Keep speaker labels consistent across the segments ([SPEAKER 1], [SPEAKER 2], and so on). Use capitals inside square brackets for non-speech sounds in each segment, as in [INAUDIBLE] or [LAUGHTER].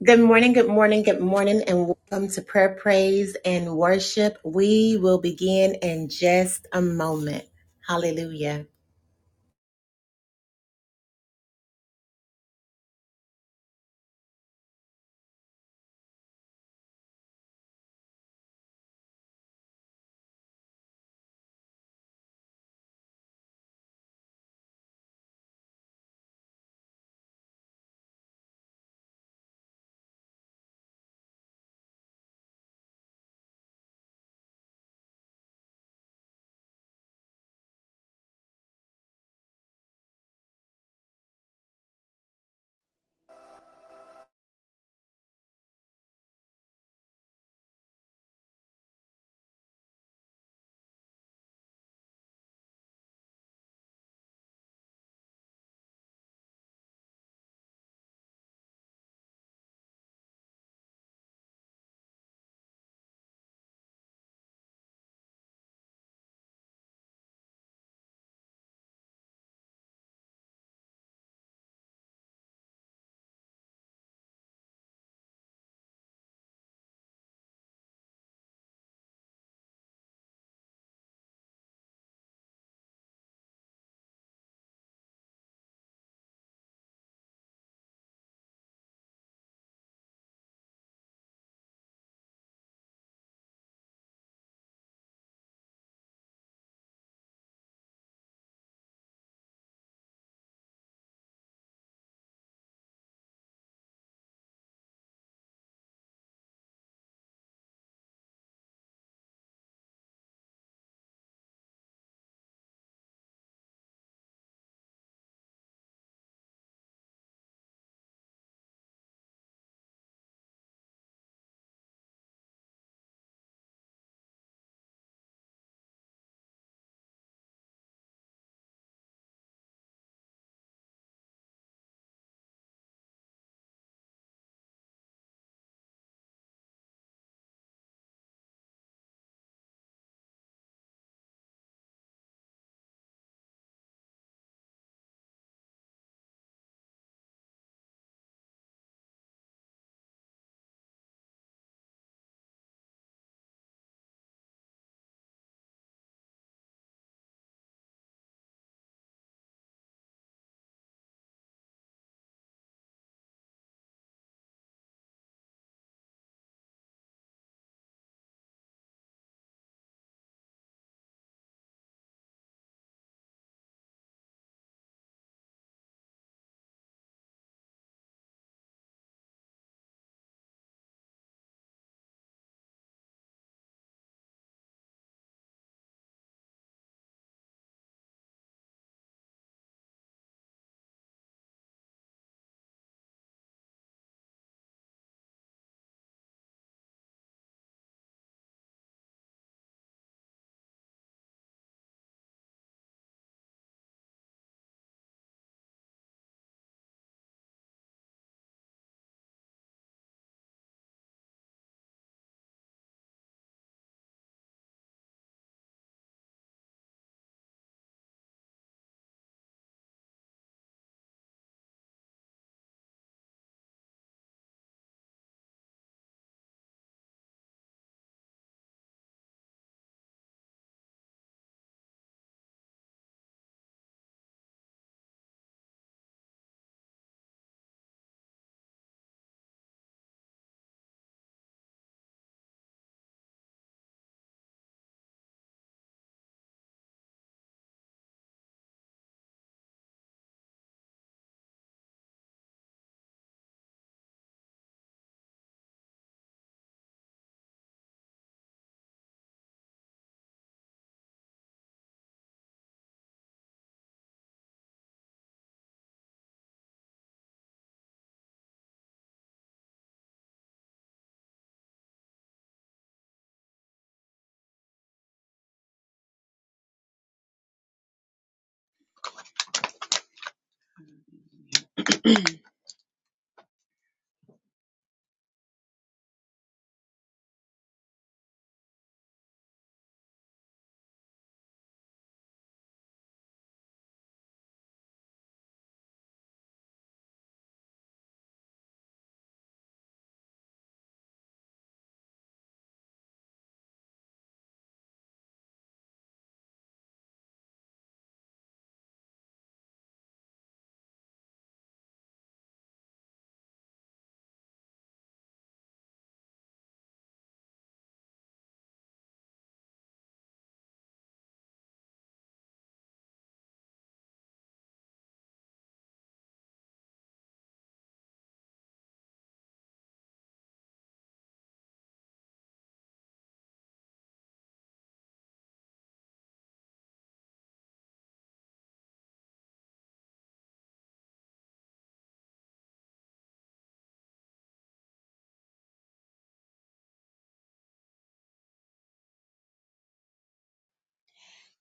[SPEAKER 1] Good morning, good morning, good morning, and welcome to Prayer, Praise, and Worship. We will begin in just a moment. Hallelujah.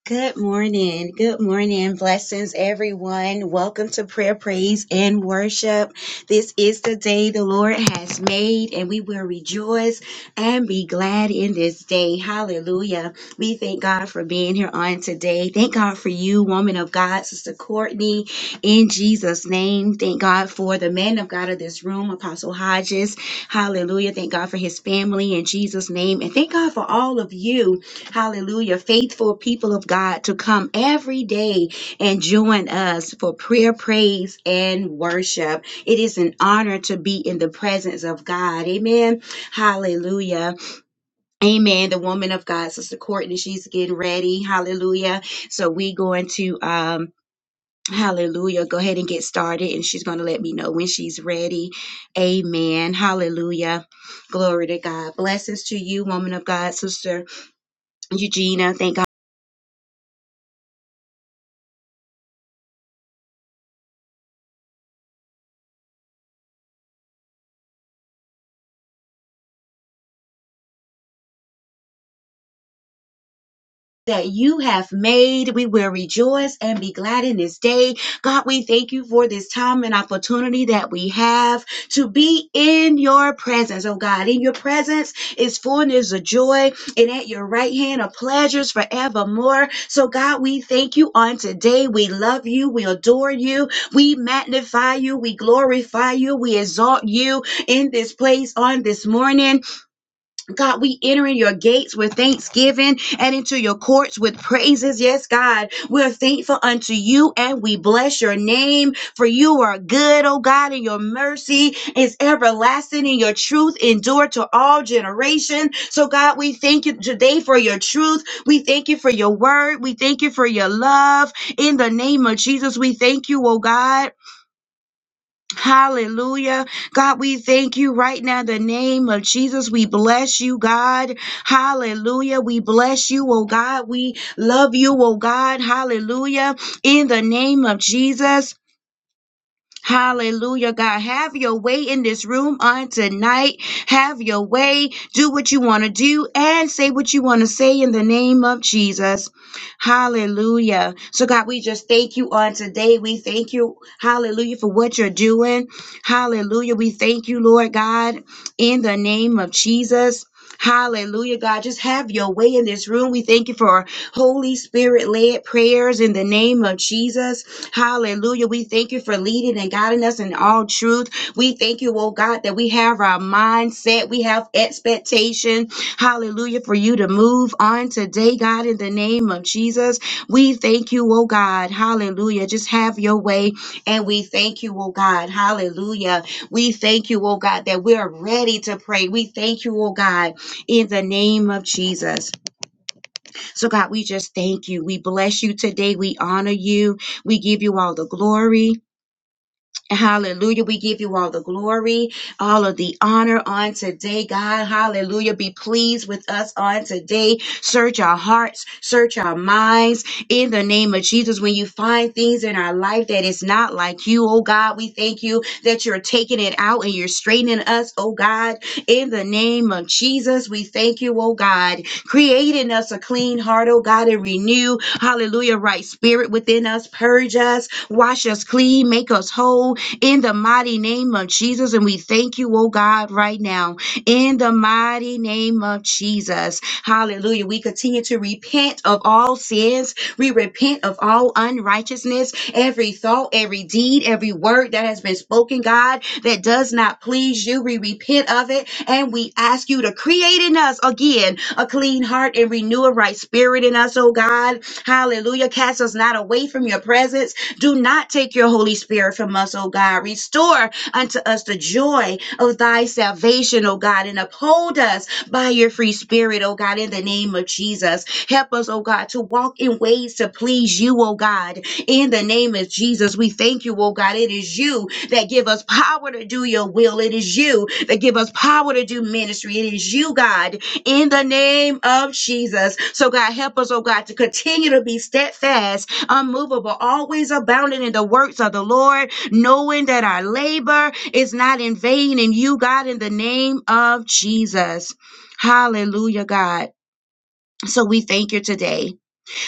[SPEAKER 2] Good morning. Good morning. Blessings, everyone. Welcome to prayer, praise, and worship. This is the day the Lord has made, and we will rejoice and be glad in this day. Hallelujah. We thank God for being here on today. Thank God for you, woman of God, Sister Courtney, in Jesus' name. Thank God for the man of God of this room, Apostle Hodges. Hallelujah. Thank God for his family in Jesus' name. And thank God for all of you Hallelujah. Faithful people of God to come every day and join us for prayer, praise, and worship. It is an honor to be in the presence of God. Amen. Hallelujah. Amen. The woman of God, Sister Courtney, she's getting ready. Hallelujah. So we going to um Hallelujah. Go ahead and get started. And she's going to let me know when she's ready. Amen. Hallelujah. Glory to God. Blessings to you, woman of God, Sister Eugenia. Thank God. that you have made. We will rejoice and be glad in this day. God, we thank you for this time and opportunity that we have to be in your presence. Oh God, in your presence is fullness of joy and at your right hand are pleasures forevermore. So God, we thank you on today. We love you. We adore you. We magnify you. We glorify you. We exalt you in this place on this morning. God, we enter in your gates with thanksgiving and into your courts with praises. Yes, God, we're thankful unto you and we bless your name for you are good, oh God, and your mercy is everlasting and your truth endure to all generations. So God, we thank you today for your truth. We thank you for your word. We thank you for your love. In the name of Jesus, we thank you, oh God. Hallelujah. God, we thank you right now in the name of Jesus. We bless you, God. Hallelujah. We bless you, oh God. We love you, oh God. Hallelujah. In the name of Jesus. Hallelujah, God. Have your way in this room on tonight. Have your way. Do what you want to do and say what you want to say in the name of Jesus. Hallelujah. So, God, we just thank you on today. We thank you, hallelujah, for what you're doing. Hallelujah. We thank you, Lord God, in the name of Jesus. Hallelujah, God. Just have your way in this room. We thank you for our Holy Spirit led prayers in the name of Jesus. Hallelujah. We thank you for leading and guiding us in all truth. We thank you, oh God, that we have our mindset, we have expectation. Hallelujah. For you to move on today, God, in the name of Jesus. We thank you, oh God. Hallelujah. Just have your way. And we thank you, oh God. Hallelujah. We thank you, oh God, that we're ready to pray. We thank you, oh God, in the name of Jesus. So, God, we just thank you. We bless you today. We honor you. We give you all the glory. Hallelujah. We give you all the glory, all of the honor on today, God. Hallelujah. Be pleased with us on today. Search our hearts, search our minds in the name of Jesus. When you find things in our life that is not like you, oh God, we thank you that you're taking it out and you're straightening us, oh God, in the name of Jesus. We thank you, oh God, creating us a clean heart, oh God, and renew, hallelujah, right spirit within us. Purge us, wash us clean, make us whole in the mighty name of Jesus. And we thank you, oh God, right now in the mighty name of Jesus. Hallelujah. We continue to repent of all sins. We repent of all unrighteousness, every thought, every deed, every word that has been spoken, God, that does not please you. We repent of it and we ask you to create in us again a clean heart and renew a right spirit in us, oh God. Hallelujah. Cast us not away from your presence do not take your Holy Spirit from us, O God. Restore unto us the joy of thy salvation, O God, and uphold us by your free spirit, O God, in the name of Jesus. Help us, O God, to walk in ways to please you, O God, in the name of Jesus. We thank you, O God. It is you that give us power to do your will. It is you that give us power to do ministry. It is you, God, in the name of Jesus. So, God, help us, oh God, to continue to be steadfast unmovable, always abounding in the works of the Lord, knowing that our labor is not in vain in you, God, in the name of Jesus. Hallelujah, God. So we thank you today.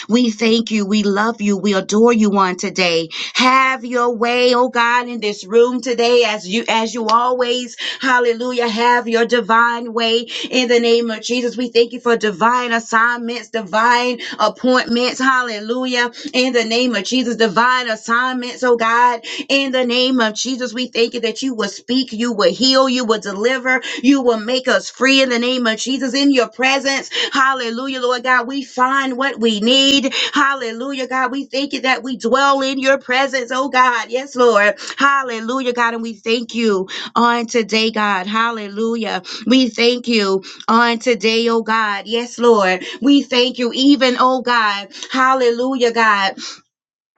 [SPEAKER 2] We thank you. We love you. We adore you on today. Have your way, oh God, in this room today as you as you always. Hallelujah. Have your divine way in the name of Jesus. We thank you for divine assignments, divine appointments. Hallelujah. In the name of Jesus, divine assignments, oh God. In the name of Jesus, we thank you that you will speak, you will heal, you will deliver, you will make us free in the name of Jesus in your presence. Hallelujah, Lord God. We find what we need. Hallelujah, God. We thank you that we dwell in your presence, oh God. Yes, Lord. Hallelujah, God. And we thank you on today, God. Hallelujah. We thank you on today, oh God. Yes, Lord. We thank you, even, oh God. Hallelujah, God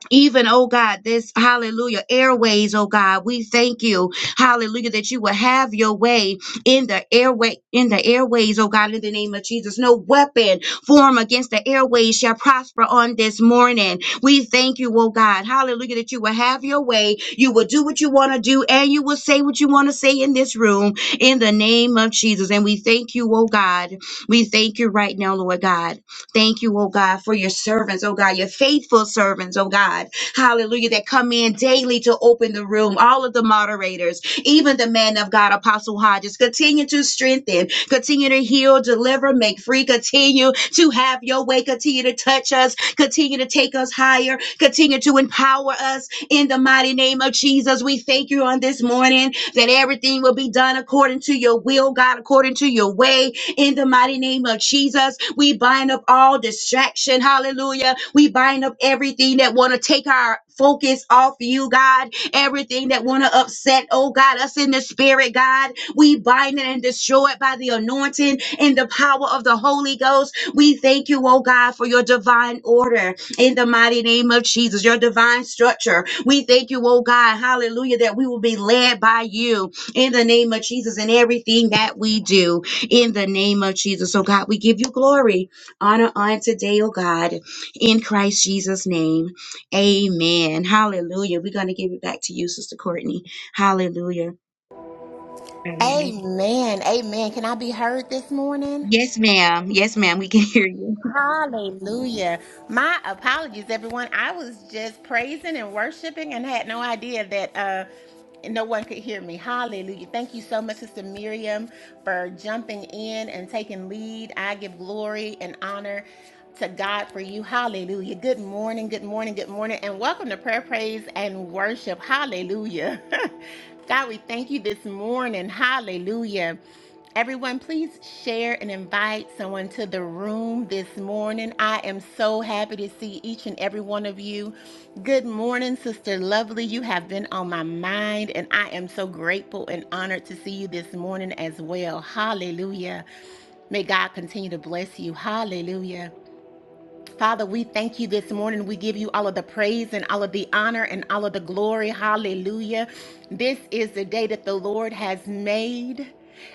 [SPEAKER 2] even, oh God, this hallelujah airways, oh God, we thank you, hallelujah, that you will have your way in the airway, in the airways, oh God, in the name of Jesus. No weapon form against the airways shall prosper on this morning. We thank you, oh God, hallelujah, that you will have your way. You will do what you want to do and you will say what you want to say in this room in the name of Jesus. And we thank you, oh God. We thank you right now, Lord God. Thank you, oh God, for your servants, oh God, your faithful servants, oh God. Hallelujah, that come in daily to open the room. All of the moderators, even the man of God, Apostle Hodges, continue to strengthen, continue to heal, deliver, make free, continue to have your way, continue to touch us, continue to take us higher, continue to empower us in the mighty name of Jesus. We thank you on this morning that everything will be done according to your will, God, according to your way, in the mighty name of Jesus, we bind up all distraction. Hallelujah. We bind up everything that want to take our focus off you, God. Everything that want to upset, oh God, us in the spirit, God. We bind it and destroy it by the anointing and the power of the Holy Ghost. We thank you, oh God, for your divine order in the mighty name of Jesus, your divine structure. We thank you, oh God, hallelujah, that we will be led by you in the name of Jesus in everything that we do in the name of Jesus. So, God, we give you glory, honor on today, oh God, in Christ Jesus' name. Amen. Hallelujah. We're going to give it back to you, Sister Courtney. Hallelujah. Hallelujah.
[SPEAKER 1] Amen. Amen. Can I be heard this morning?
[SPEAKER 2] Yes, ma'am. Yes, ma'am. We can [LAUGHS] hear you.
[SPEAKER 1] Hallelujah. My apologies, everyone. I was just praising and worshiping and had no idea that uh no one could hear me. Hallelujah. Thank you so much, Sister Miriam, for jumping in and taking lead. I give glory and honor to God for you. Hallelujah. Good morning, good morning, good morning, and welcome to prayer, praise, and worship. Hallelujah. [LAUGHS] God, we thank you this morning. Hallelujah. Everyone, please share and invite someone to the room this morning. I am so happy to see each and every one of you. Good morning, Sister Lovely. You have been on my mind, and I am so grateful and honored to see you this morning as well. Hallelujah. May God continue to bless you. Hallelujah. Father, we thank you this morning. We give you all of the praise and all of the honor and all of the glory. Hallelujah. This is the day that the Lord has made,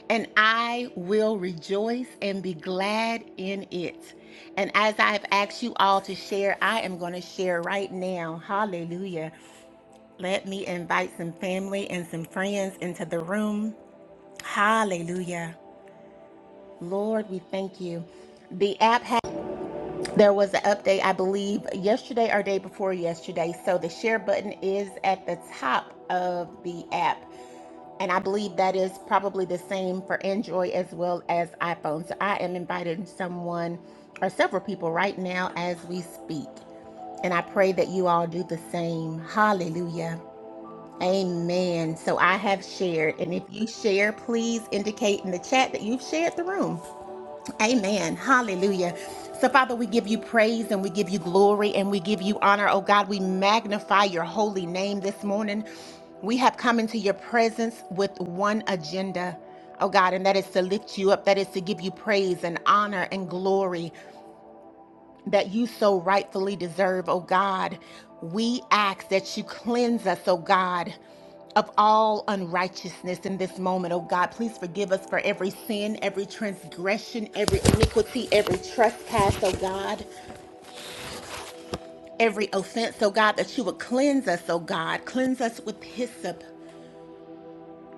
[SPEAKER 1] and I will rejoice and be glad in it. And as I have asked you all to share, I am going to share right now. Hallelujah. Let me invite some family and some friends into the room. Hallelujah. Lord, we thank you. The app. has there was an update, I believe, yesterday or day before yesterday. So the share button is at the top of the app. And I believe that is probably the same for Android as well as iPhone. So I am inviting someone or several people right now as we speak. And I pray that you all do the same. Hallelujah. Amen. So I have shared. And if you share, please indicate in the chat that you've shared the room. Amen. Hallelujah. So, Father, we give you praise and we give you glory and we give you honor. Oh God, we magnify your holy name this morning. We have come into your presence with one agenda, oh God, and that is to lift you up, that is to give you praise and honor and glory that you so rightfully deserve, oh God. We ask that you cleanse us, oh God, of all unrighteousness in this moment, oh God. Please forgive us for every sin, every transgression, every iniquity, every trespass, oh God, every offense, oh God, that you would cleanse us, oh God. Cleanse us with hyssop.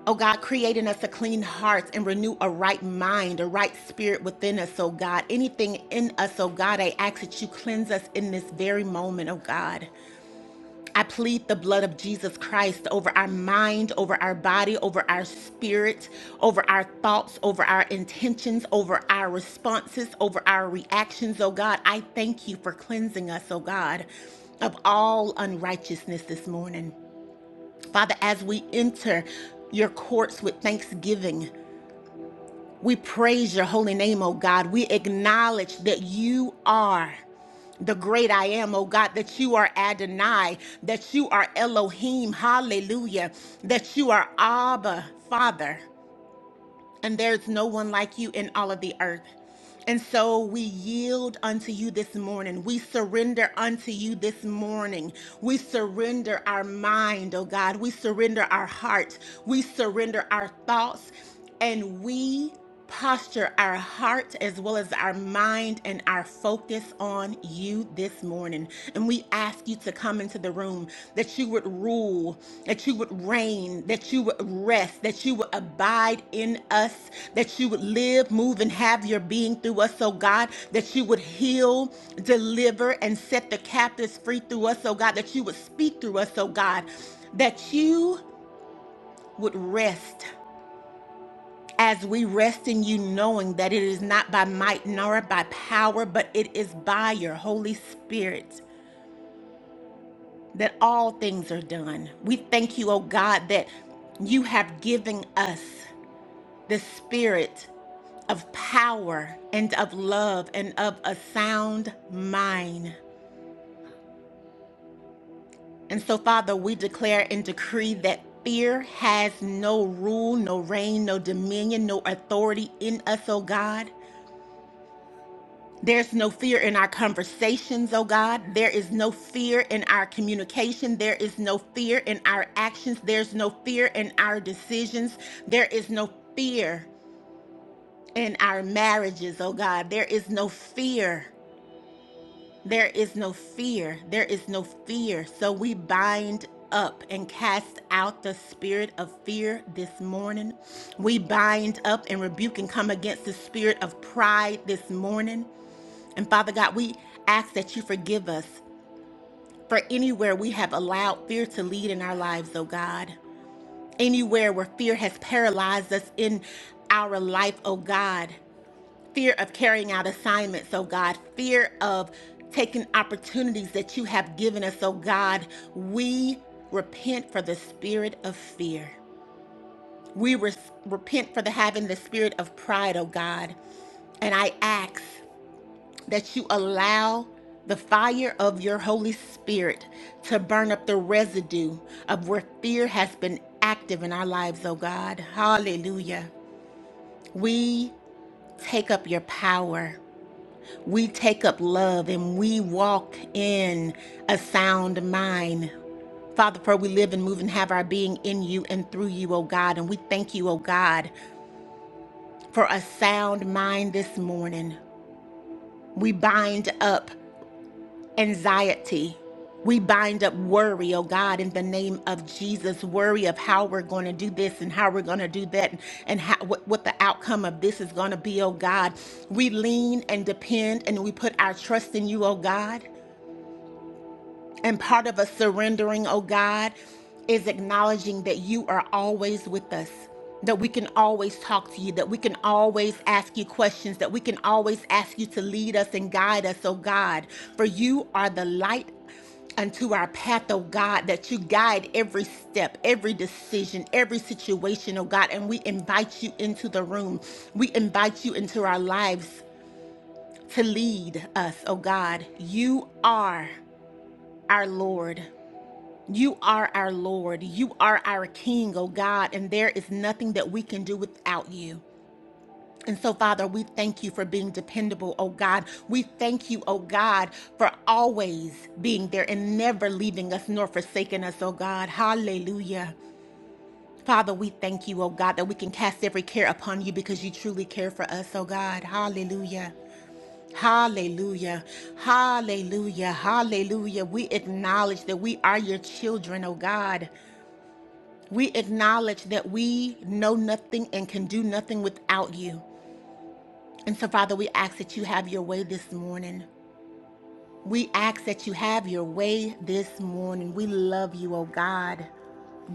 [SPEAKER 1] Oh God, create in us a clean heart and renew a right mind, a right spirit within us, oh God. Anything in us, oh God, I ask that you cleanse us in this very moment, oh God. I plead the blood of Jesus Christ over our mind, over our body, over our spirit, over our thoughts, over our intentions, over our responses, over our reactions. Oh God, I thank you for cleansing us, oh God, of all unrighteousness this morning. Father, as we enter your courts with thanksgiving, we praise your holy name, oh God. We acknowledge that you are the great I am, oh God, that you are Adonai, that you are Elohim, hallelujah, that you are Abba, Father, and there's no one like you in all of the earth. And so we yield unto you this morning. We surrender unto you this morning. We surrender our mind, oh God. We surrender our heart. We surrender our thoughts. And we posture our heart as well as our mind and our focus on you this morning. And we ask you to come into the room, that you would rule, that you would reign, that you would rest, that you would abide in us, that you would live, move, and have your being through us, oh God, that you would heal, deliver, and set the captives free through us, oh God, that you would speak through us, oh God, that you would rest as we rest in you, knowing that it is not by might nor by power, but it is by your Holy Spirit that all things are done. We thank you, O God, that you have given us the spirit of power and of love and of a sound mind. And so, Father, we declare and decree that fear has no rule, no reign, no dominion, no authority in us, O God. There's no fear in our conversations, oh God. There is no fear in our communication. There is no fear in our actions. There's no fear in our decisions. There is no fear in our marriages, oh God. There is no fear. There is no fear. There is no fear. So we bind up and cast out the spirit of fear this morning. We bind up and rebuke and come against the spirit of pride this morning. And Father God, we ask that you forgive us for anywhere we have allowed fear to lead in our lives, oh God. Anywhere where fear has paralyzed us in our life, oh God. Fear of carrying out assignments, oh God. Fear of taking opportunities that you have given us, oh God. We repent for the spirit of fear. We res- repent for the having the spirit of pride, oh God. And I ask that you allow the fire of your Holy Spirit to burn up the residue of where fear has been active in our lives, oh God. Hallelujah. We take up your power. We take up love and we walk in a sound mind. Father, for we live and move and have our being in you and through you, O God. And we thank you, O God, for a sound mind this morning. We bind up anxiety. We bind up worry, oh God, in the name of Jesus. Worry of how we're going to do this and how we're going to do that and and how, what, what the outcome of this is going to be, oh God. We lean and depend and we put our trust in you, oh God. And part of us surrendering, oh God, is acknowledging that you are always with us, that we can always talk to you, that we can always ask you questions, that we can always ask you to lead us and guide us, oh God. For you are the light unto our path, oh God, that you guide every step, every decision, every situation, oh God. And we invite you into the room, we invite you into our lives to lead us, oh God. You are our Lord. You are our Lord. You are our King, oh God, and there is nothing that we can do without you. And so, Father, we thank you for being dependable, oh God. We thank you, oh God, for always being there and never leaving us nor forsaking us, oh God. Hallelujah. Father, we thank you, oh God, that we can cast every care upon you because you truly care for us, oh God. Hallelujah. Hallelujah. Hallelujah. Hallelujah. We acknowledge that we are your children, oh God. We acknowledge that we know nothing and can do nothing without you. And so, Father, we ask that you have your way this morning. We ask that you have your way this morning. We love you, oh God.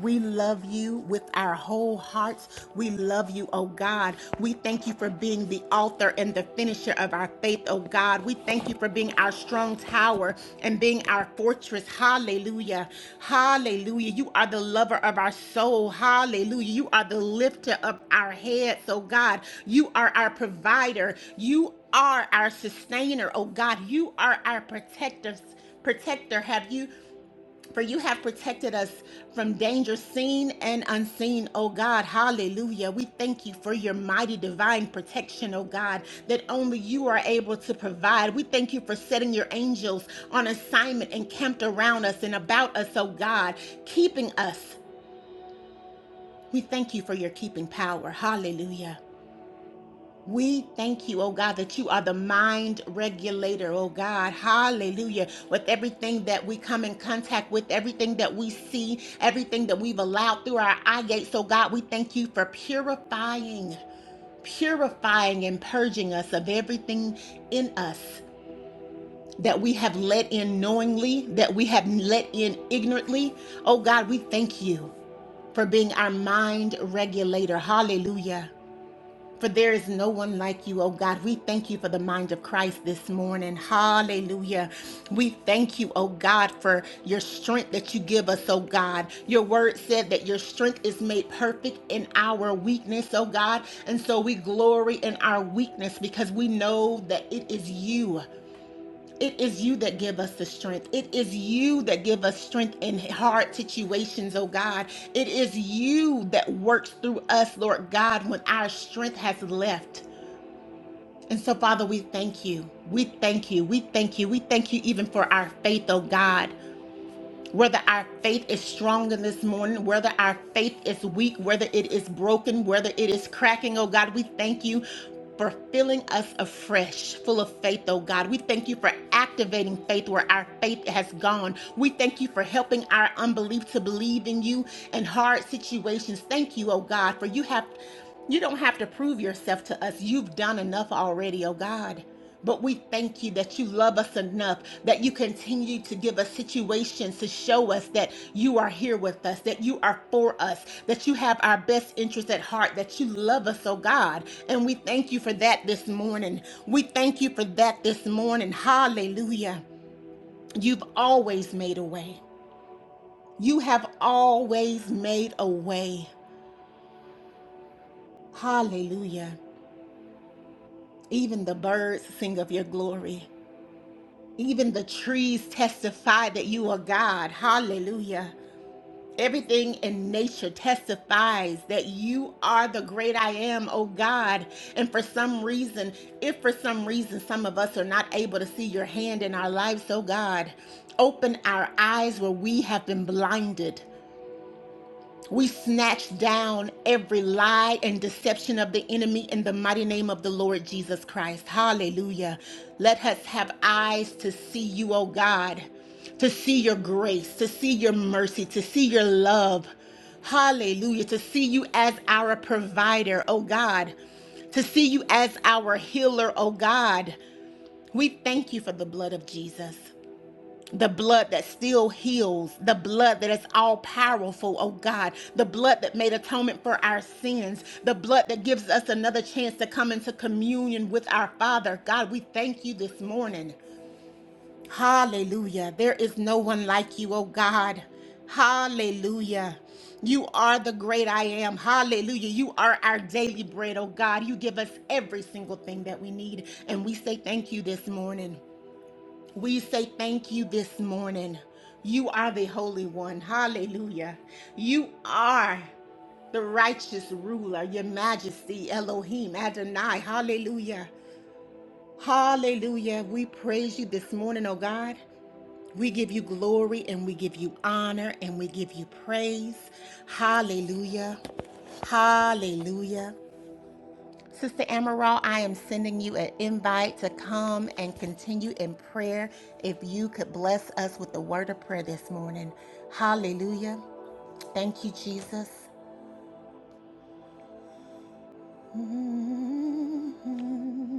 [SPEAKER 1] We love you with our whole hearts. We love you, oh God. We thank you for being the author and the finisher of our faith, oh God. We thank you for being our strong tower and being our fortress. Hallelujah. Hallelujah. You are the lover of our soul. Hallelujah. You are the lifter of our heads, oh God. You are our provider. You are our sustainer, oh God. You are our protector protector. Have you? For you have protected us from danger seen and unseen, O God. Hallelujah. We thank you for your mighty divine protection, O God, that only you are able to provide. We thank you for setting your angels on assignment and camped around us and about us, O God, keeping us. We thank you for your keeping power. Hallelujah. We thank you, oh God, that you are the mind regulator, oh God. Hallelujah. With everything that we come in contact with, everything that we see, everything that we've allowed through our eye gates, oh God, we thank you for purifying, purifying and purging us of everything in us. That we have let in knowingly, that we have let in ignorantly. Oh God, we thank you for being our mind regulator. Hallelujah. For there is no one like you, oh God. We thank you for the mind of Christ this morning. Hallelujah. We thank you, oh God, for your strength that you give us, oh God. Your word said that your strength is made perfect in our weakness, oh God. And so we glory in our weakness because we know that it is you. It is you that give us the strength. It is you that give us strength in hard situations, oh God. It is you that works through us, Lord God, when our strength has left. And so, Father, we thank you. We thank you. We thank you. We thank you even for our faith, oh God whether our faith is strong in this morning, whether our faith is weak, whether it is broken, whether it is cracking, oh God, we thank you for filling us afresh, full of faith, oh God. We thank you for activating faith where our faith has gone. We thank you for helping our unbelief to believe in you in hard situations. Thank you, oh God, for you have you don't have to prove yourself to us. You've done enough already, oh God. But we thank you that you love us enough, that you continue to give us situations to show us that you are here with us, that you are for us, that you have our best interest at heart, that you love us, oh God. And we thank you for that this morning. We thank you for that this morning. Hallelujah. You've always made a way. You have always made a way. Hallelujah. Even the birds sing of your glory. Even the trees testify that you are God. Hallelujah. Everything in nature testifies that you are the great I am, oh God. And for some reason, if for some reason some of us are not able to see your hand in our lives, oh God, open our eyes where we have been blinded. We snatch down every lie and deception of the enemy in the mighty name of the Lord Jesus Christ. Hallelujah. Let us have eyes to see you, O God, to see your grace, to see your mercy, to see your love. Hallelujah. To see you as our provider, O God, to see you as our healer, O God. We thank you for the blood of Jesus the blood that still heals, the blood that is all powerful, oh God, the blood that made atonement for our sins, the blood that gives us another chance to come into communion with our Father. God, we thank you this morning. Hallelujah. There is no one like you, oh God. Hallelujah. You are the great I am. Hallelujah. You are our daily bread, oh God. You give us every single thing that we need. And we say thank you this morning. We say thank you this morning. You are the Holy One. Hallelujah. You are the righteous ruler, your majesty, Elohim, Adonai. Hallelujah. Hallelujah. We praise you this morning, oh God. We give you glory and we give you honor and we give you praise. Hallelujah. Hallelujah. Sister Amaral, I am sending you an invite to come and continue in prayer. If you could bless us with the word of prayer this morning. Hallelujah. Thank you, Jesus. Mm-hmm.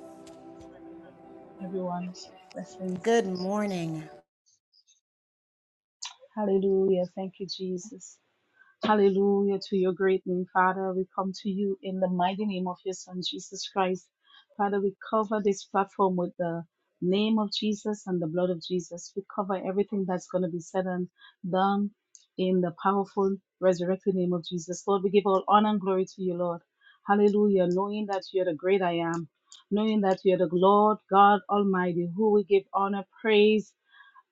[SPEAKER 3] Wonderful, sister Courtney, Everyone, blessings.
[SPEAKER 1] Good morning.
[SPEAKER 3] Hallelujah. Thank you, Jesus. Hallelujah to your great name, Father. We come to you in the mighty name of your Son, Jesus Christ. Father, we cover this platform with the name of Jesus and the blood of Jesus. We cover everything that's going to be said and done in the powerful, resurrected name of Jesus. Lord, we give all honor and glory to you, Lord. Hallelujah. Knowing that you're the great I am, knowing that you're the Lord God Almighty, who we give honor, praise,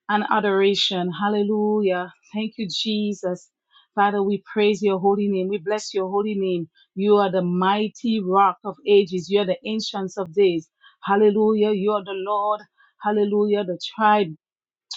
[SPEAKER 3] and adoration. Hallelujah. Thank you, Jesus. Father, we praise your holy name. We bless your holy name. You are the mighty rock of ages. You are the ancients of days. Hallelujah. You are the Lord. Hallelujah. The tribe.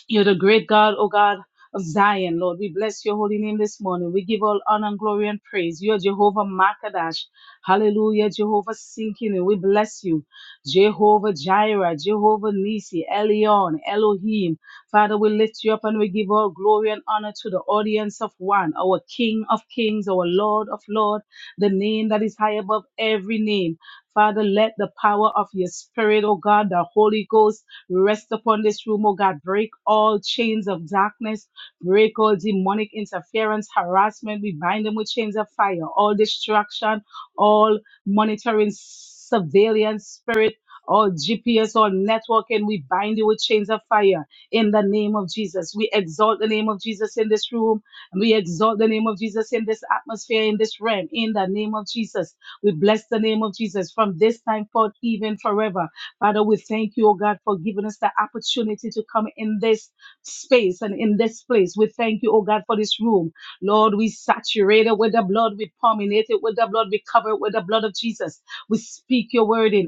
[SPEAKER 3] You're the great God, O God of Zion, Lord. We bless your holy name this morning. We give all honor and glory and praise. You are Jehovah Makadash. Hallelujah, Jehovah Sinkinu. We bless you. Jehovah Jireh, Jehovah Nisi, Elion, Elohim. Father, we lift you up and we give all glory and honor to the audience of one, our King of Kings, our Lord of Lord, the name that is high above every name. Father, let the power of your spirit, O God, the Holy Ghost, we Rest upon this room, oh God. Break all chains of darkness. Break all demonic interference, harassment. We bind them with chains of fire. All distraction, all monitoring, surveillance spirit. All GPS, all networking, we bind you with chains of fire in the name of Jesus. We exalt the name of Jesus in this room. We exalt the name of Jesus in this atmosphere, in this realm, in the name of Jesus. We bless the name of Jesus from this time forth, even forever. Father, we thank you, oh God, for giving us the opportunity to come in this space and in this place. We thank you, oh God, for this room. Lord, we saturate it with the blood. We permeate it with the blood. We cover it with the blood of Jesus. We speak your word in.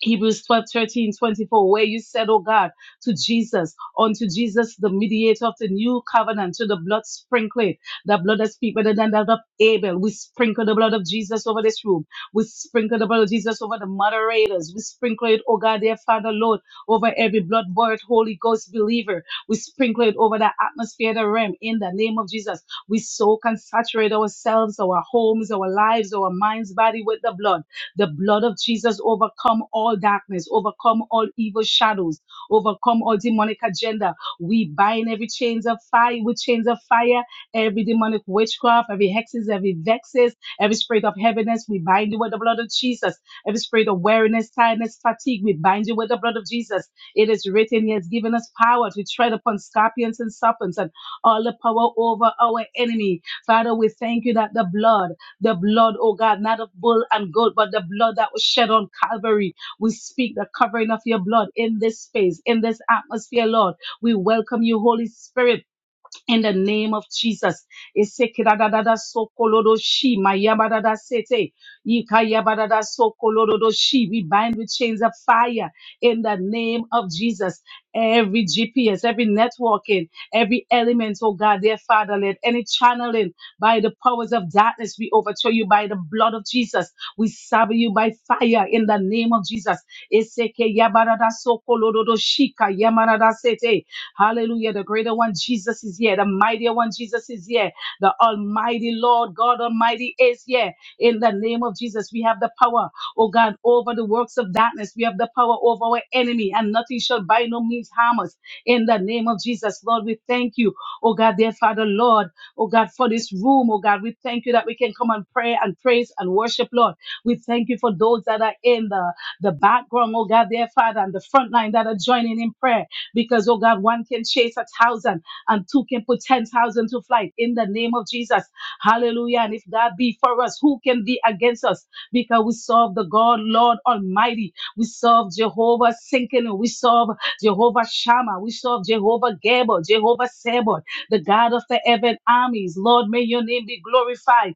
[SPEAKER 3] Hebrews 12 13 24 where you said, Oh God, to Jesus, unto Jesus, the mediator of the new covenant, to the blood sprinkled, the blood that speak better than that of Abel. We sprinkle the blood of Jesus over this room. We sprinkle the blood of Jesus over the moderators. We sprinkle it, oh God, dear Father, Lord, over every blood bought Holy Ghost believer. We sprinkle it over the atmosphere, the realm, in the name of Jesus. We soak and saturate ourselves, our homes, our lives, our minds, body with the blood. The blood of Jesus overcome all darkness, overcome all evil shadows, overcome all demonic agenda. We bind every chains of fire with chains of fire, every demonic witchcraft, every hexes, every vexes, every spirit of heaviness. We bind you with the blood of Jesus. Every spirit of weariness, tiredness, fatigue. We bind you with the blood of Jesus. It is written, He has given us power to tread upon scorpions and serpents and all the power over our enemy. Father, we thank you that the blood the blood, oh God, not of bull and goat, but the blood that was shed on Calvary. We speak the covering of your blood in this space, in this atmosphere, Lord. We welcome you, Holy Spirit in the name of Jesus. Esekidadadada sokoloroshi, mayabadada sete, yikayabadada sokoloroshi. We bind with chains of fire in the name of Jesus. Every GPS, every networking, every element, oh God, dear Father, let any channeling by the powers of darkness we overthrow you by the blood of Jesus. We serve you by fire in the name of Jesus. Eseke yabadada sokoloroshi, kayamadada sete. Hallelujah. The greater one, Jesus, is here. The mightier one, Jesus, is here. The Almighty Lord, God Almighty, is here. In the name of Jesus, we have the power, oh God, over the works of darkness. We have the power over our enemy, and nothing shall by no means harm us. In the name of Jesus, Lord, we thank you, oh God, dear Father, Lord, oh God, for this room, oh God. We thank you that we can come and pray and praise and worship, Lord. We thank you for those that are in the, the background, oh God, dear Father, and the front line that are joining in prayer. Because, oh God, one can chase a thousand and two can put ten thousand to flight in the name of Jesus. Hallelujah. And if God be for us, who can be against us? Because we serve the God, Lord Almighty. We serve Jehovah Sinking. We serve Jehovah Shammah. We serve Jehovah Gabor, Jehovah Sabot, the God of the heaven armies. Lord, may your name be glorified.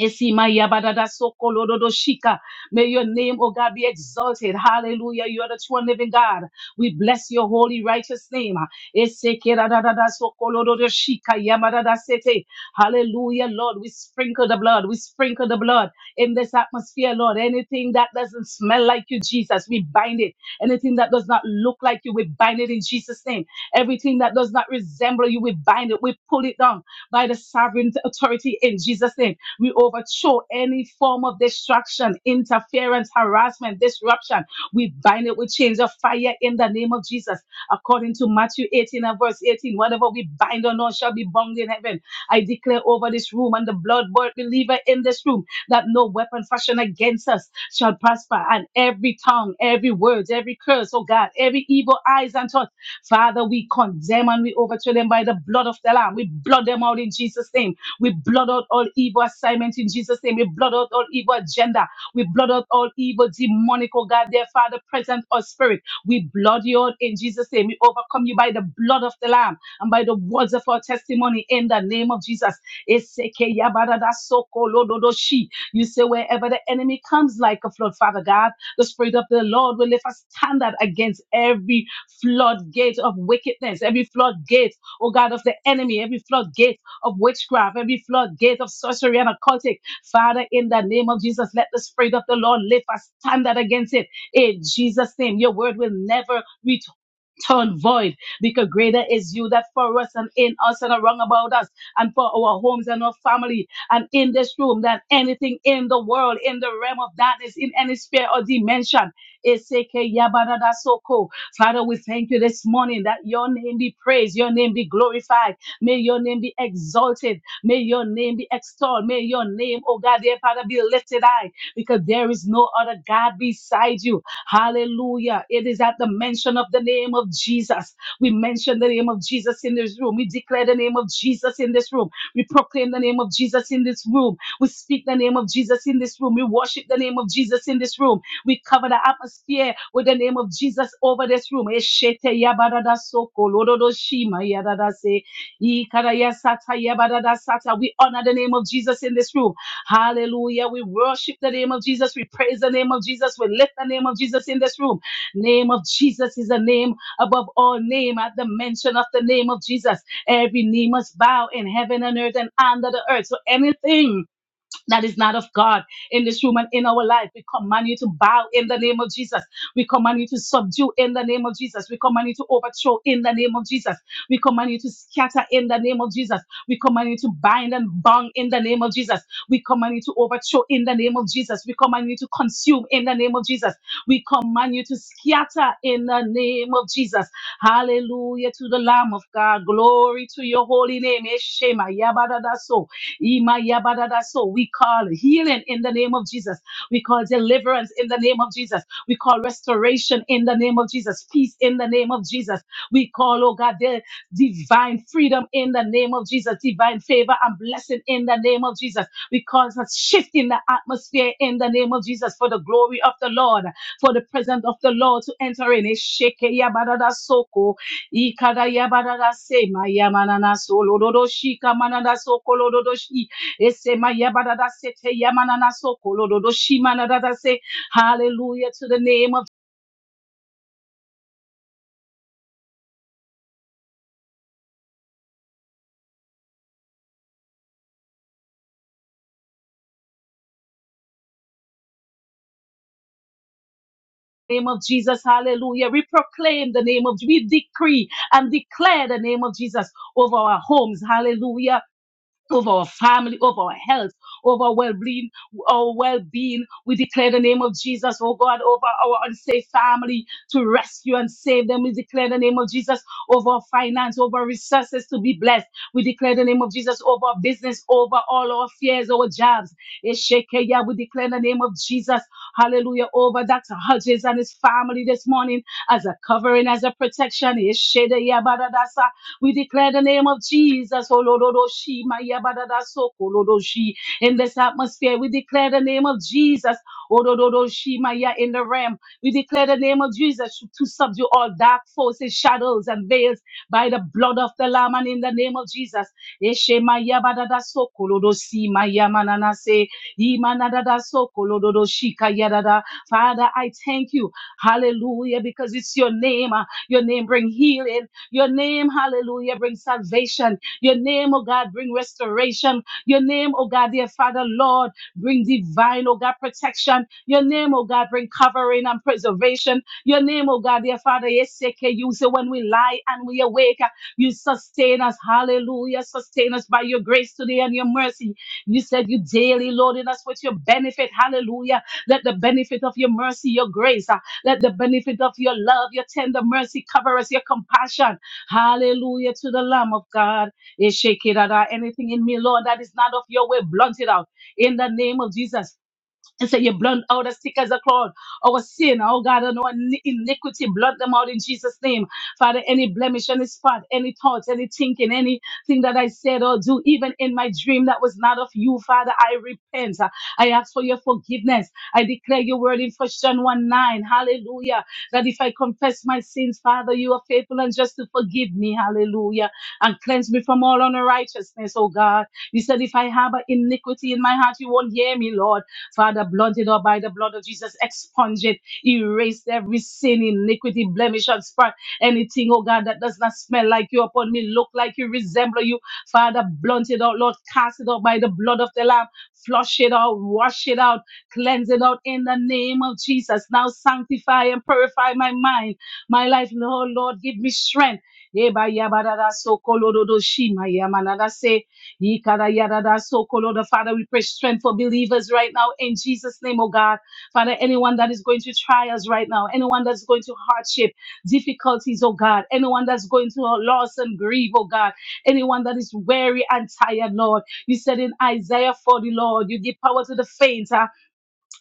[SPEAKER 3] Esimayabaradasokolorodoshika. May your name, O God, be exalted. Hallelujah. You are the true and living God. We bless your holy, righteous name. Eseke radadada soko lododo shika yamadada sete. Hallelujah, Lord. We sprinkle the blood. We sprinkle the blood in this atmosphere, Lord. Anything that doesn't smell like you, Jesus, we bind it. Anything that does not look like you, we bind it in Jesus' name. Everything that does not resemble you, we bind it. We pull it down by the sovereign authority in Jesus' name. We overthrow any form of distraction, interference, harassment, disruption. We bind it with chains of fire in the name of Jesus. According to Matthew 18 and verse 18, whatever we bind on earth shall be bound in heaven. I declare over this room and the blood bought believer in this room that no weapon fashioned against us shall prosper, and every tongue, every word, every curse, oh God, every evil eyes and thought, Father, we condemn and we overthrow them by the blood of the Lamb. We blot them out in Jesus' name. We blot out all evil assignments in Jesus' name. We blot out all evil agenda. We blot out all evil demonic, oh God, their Father, present or spirit. We blot you out in Jesus' name. We overcome you by the blood of the Lamb and by the words of our testimony in the name of Jesus. Eseke yabadada soko lododo you say, wherever the enemy comes like a flood, Father God, the Spirit of the Lord will lift a standard against every floodgate of wickedness, every floodgate, oh God, of the enemy, every floodgate of witchcraft, every floodgate of sorcery and occultic. Father, in the name of Jesus, let the Spirit of the Lord lift a standard against it. In Jesus' name, your word will never return. void because greater is you that for us and in us and around about us and for our homes and our family um, in this room than anything in the world, in the realm of darkness, in any sphere or dimension. Eseke yabarada soko. Father, we thank you this morning that your name be praised, your name be glorified, may your name be exalted, may your name be extolled, may your name, oh God, dear Father, be lifted high, because there is no other God beside you. Hallelujah. It is at the mention of the name of Jesus. We mention the name of Jesus in this room. We declare the name of Jesus in this room we proclaim the name of Jesus in this room. We speak the name of Jesus in this room. We worship the name of Jesus in this room. We cover the atmosphere with the name of Jesus over this room. Eshete yabadada soko lododo shima yadada se. Ikaraya sata yabadada sata. We honor the name of Jesus in this room. Hallelujah. We worship the name of Jesus. We praise the name of Jesus. We lift the name of Jesus in this room. Name of Jesus is a name above all name at the mention of the name of Jesus. Every knee must bow in heaven and earth and under the earth. So anything that is not of God in this room and in our life. We command you to bow in the name of Jesus. We command you to subdue in the name of Jesus. We command you to overthrow in the name of Jesus. We command you to scatter in the name of Jesus. We command you to bind and bang in the name of Jesus. We command you to overthrow in the name of Jesus. We command you to consume in the name of Jesus. We command you to scatter in the name of Jesus. Hallelujah to the Lamb of God. Glory to your holy name. Eshema, yabadadaso. Imayabadada. So we call healing in the name of Jesus. We call deliverance in the name of Jesus. We call restoration in the name of Jesus. Peace in the name of Jesus. We call, oh God, the divine freedom in the name of Jesus. Divine favor and blessing in the name of Jesus. We call a shift in the atmosphere in the name of Jesus for the glory of the Lord, for the presence of the Lord to enter in. Eshekeyabadadasoko. Ikada yabarara se mayamanana solororo shika manana so kolororo shi ese mayabarara se te yamanana so kolororo shi manana se hallelujah to the name of name of Jesus hallelujah we proclaim the name of we decree and declare the name of Jesus over our homes hallelujah over our family, over our health, over our well-being, our well-being. We declare the name of Jesus, oh God, over our unsafe family to rescue and save them. We declare the name of Jesus over our finance, over our resources to be blessed. We declare the name of Jesus over our business, over all our fears, our jobs. Eshekeya, We declare the name of Jesus, hallelujah, over Dr. Hodges and his family this morning as a covering, as a protection. Eshedeya, badadasa. We declare the name of Jesus. Olorodoshi, Mayabadadasoko, Lorodoshi. In this atmosphere, we declare the name of Jesus. Olorodoshi, Maya, In the realm, we declare the name of Jesus to to subdue all dark forces, shadows, and veils by the blood of the Lamb and in the name of Jesus. Eshe, Mayabadadasoko, Lorodoshi, Mayamananase, Imanadadasoko, Lorodoshi, Kayadada. Father, I thank you. Hallelujah, because it's your name. uh, Your name bring healing. Your name, hallelujah, brings salvation. Your name, oh God, bring restoration. Your name, oh God, dear Father, Lord, bring divine, oh God, protection. Your name, oh God, bring covering and preservation. Your name, oh God, dear Father, yes, you say when we lie and we awake, you sustain us. Hallelujah. Sustain us by your grace today and your mercy. You said you daily loaded us with your benefit. Hallelujah. Let the benefit of your mercy, your grace, uh, let the benefit of your love, your tender mercy cover us, your compassion. Hallelujah to the Lamb of God. Eshekirara. Anything in me, Lord, that is not of your way, blunt it out. In the name of Jesus. And so you blot out as thick as a cloud, our sin, oh God, and our ni- iniquity, blot them out in Jesus' name. Father, any blemish, any spot, any thoughts, any thinking, anything that I said or do, even in my dream that was not of you, Father, I repent. I ask for your forgiveness. I declare your word in First John 1 9, hallelujah, that if I confess my sins, Father, you are faithful and just to forgive me, hallelujah, and cleanse me from all unrighteousness, oh God. You said, if I have an iniquity in my heart, you won't hear me, Lord. Father, blot it up by the blood of Jesus. Expunge it. Erase every sin, iniquity, blemish, and spot. Anything, oh God, that does not smell like you upon me, look like you, resemble you. Father, blunt it out, Lord. Cast it out by the blood of the Lamb. Flush it out, wash it out, cleanse it out in the name of Jesus. Now sanctify and purify my mind, my life. Lord, Lord, give me strength. Eba yabadada sokolododo shima yamanada se. Yikarayarada sokoloda. Father, we pray strength for believers right now in Jesus' name, oh God. Father, anyone that is going to trials right now, anyone that's going to hardship, difficulties, oh God, anyone that's going to loss and grief, oh God, anyone that is weary and tired, Lord. You said in Isaiah 40, Lord, you give power to the faint. huh?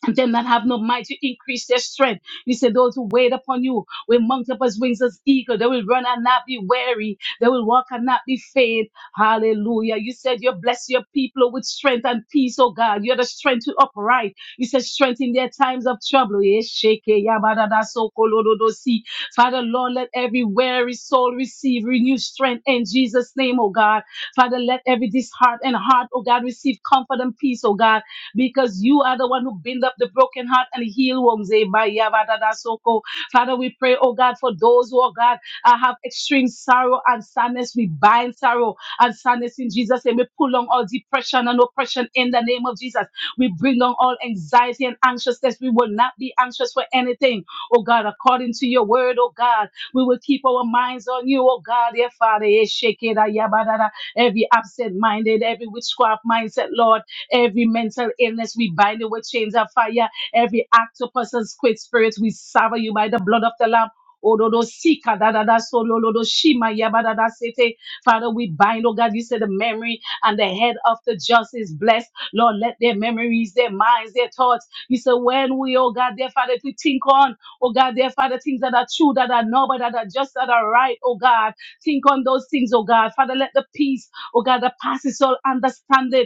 [SPEAKER 3] And them that have no might, you increase their strength. You say, Those who wait upon you will mount up as wings as eagle. They will run and not be weary. They will walk and not be faint. Hallelujah. You said, You bless your people with strength and peace, oh God. You're the strength to upright. You said, Strength in their times of trouble. Yes, shake it. Yabadada soko lododo si. Father, Lord, let every weary soul receive renewed strength in Jesus' name, oh God. Father, let every disheartened heart, oh God, receive comfort and peace, oh God because you are the one who bind up the broken heart and heal wounds. Eh, by Yabadada Soko. Father, we pray, oh God, for those who, oh God, uh, have extreme sorrow and sadness. We bind sorrow and sadness in Jesus' name. We pull on all depression and oppression in the name of Jesus. We bring down all anxiety and anxiousness. We will not be anxious for anything, oh God, according to your word, oh God. We will keep our minds on you, oh God, dear Father. Eh, shake it, ah, yabba, Every absent minded, every witchcraft mindset, Lord. Every mental illness, we bind it with chains of fire. Every octopus and squid spirit, we sever you by the blood of the Lamb. Ododo sika da da da so lo lo do shima ya ba da da sete. Father, we bind, oh God, you said the memory and the head of the just is blessed. Lord, let their memories, their minds, their thoughts. You said, when we, oh God, dear Father, if we think on, oh God, dear Father, things that are true, that are noble, that are just, that are right, oh God, think on those things, oh God. Father, let the peace, oh God, that passes all understanding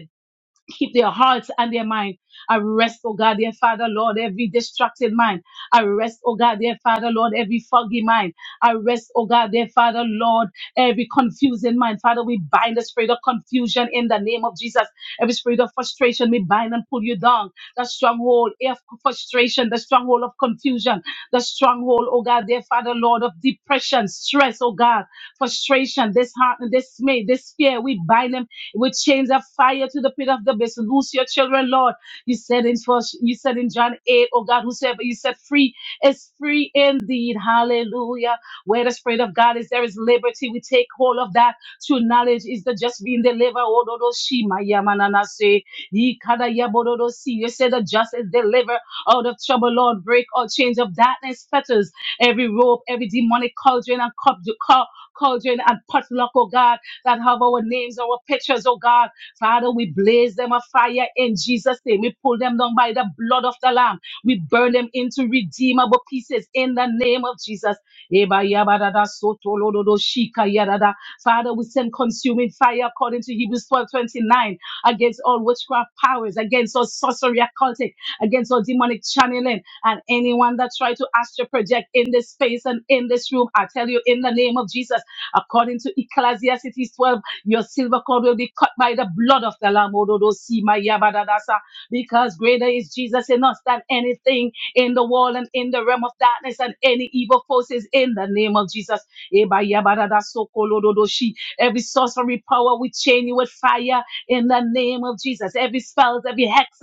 [SPEAKER 3] keep their hearts and their mind. Arrest, oh God, dear Father, Lord, every distracted mind. Arrest, oh God, dear Father, Lord, every foggy mind. Arrest, oh God, dear Father, Lord, every confusing mind. Father, we bind the spirit of confusion in the name of Jesus. Every spirit of frustration, we bind and pull you down. The stronghold of frustration, the stronghold of confusion, the stronghold, oh God, dear Father, Lord, of depression, stress, oh God, frustration, disheartened, dismay, this fear, we bind them we chains of fire to the pit of the abyss. Loose your children, Lord. You said in first, you said in John 8, O oh God, whosoever you set free is free indeed. Hallelujah. Where the spirit of God is, there is liberty. We take hold of that. True knowledge is the just being delivered. Oh, do, do, she, my, yeah, man, and I say, ye, kada, yeah, bo, do, do, see. You said the just is delivered out of trouble, Lord. Break all chains of darkness, fetters, every rope, every demonic cauldron and cup, cu- cauldron and potluck, oh God that have our names, our pictures, oh God. Father, we blaze them a fire in Jesus' name. We pull them down by the blood of the Lamb. We burn them into redeemable pieces in the name of Jesus. Eba yaba da da soto lo do do shika ya da da. Father, we send consuming fire according to Hebrews 12 29 against all witchcraft powers, against all sorcery occultic, against all demonic channeling, and anyone that try to astral project in this space and in this room. I tell you, in the name of Jesus. According to Ecclesiastes 12, your silver cord will be cut by the blood of the Lamb. Ododo si ma ya ba Because greater is Jesus in us than anything in the world and in the realm of darkness and any evil forces in the name of Jesus. E so Every sorcery power, we chain you with fire in the name of Jesus. Every spell, every hex,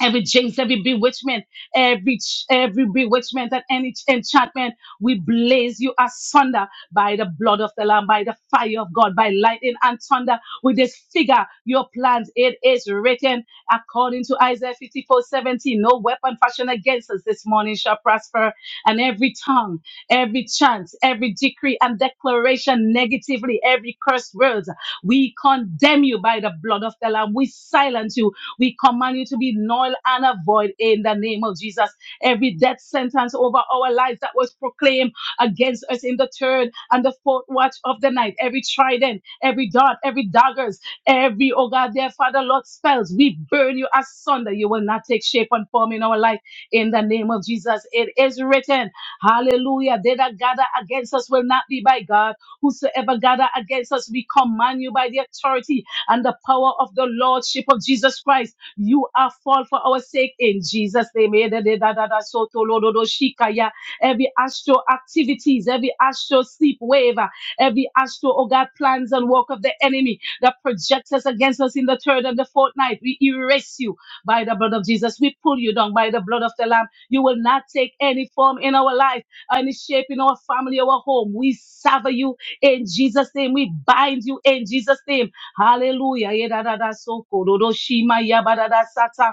[SPEAKER 3] every jinx, every bewitchment, every ch- every bewitchment and any ch- enchantment, we blaze you asunder by the blood of the Lamb, by the fire of God, by lightning and thunder. We disfigure your plans. It is written according to Isaiah 54:17. No weapon fashioned against us this morning shall prosper. And every tongue, every chant, every decree and declaration negatively, every cursed words, we condemn you by the blood of the Lamb. We silence you we command you to be null and void in the name of Jesus. Every death sentence over our lives that was proclaimed against us in the third and the fourth watch of the night, every trident, every dart, every daggers, every, oh God, their Father, Lord, spells, we burn you asunder. You will not take shape and form in our life in the name of Jesus. It is written, hallelujah, they that gather against us will not be by God. Whosoever gather against us, we command you by the authority and the power of the Lordship of Jesus Christ. You are fall for our sake in Jesus' name. Eh, da, da, da, da, da, so, to, lo, do, do, shikaya. Every astral activities, every astral sleep wave, uh, every astral, oh God, plans and work of the enemy that projects us against us in the third and the fourth night. We erase you by the blood of Jesus. We pull you down by the blood of the Lamb. You will not take any form in our life, any shape in our family, our home. We sever you in Jesus' name. We bind you in Jesus' name Hallelujah. Yedadada soko dodo shima yabadada sata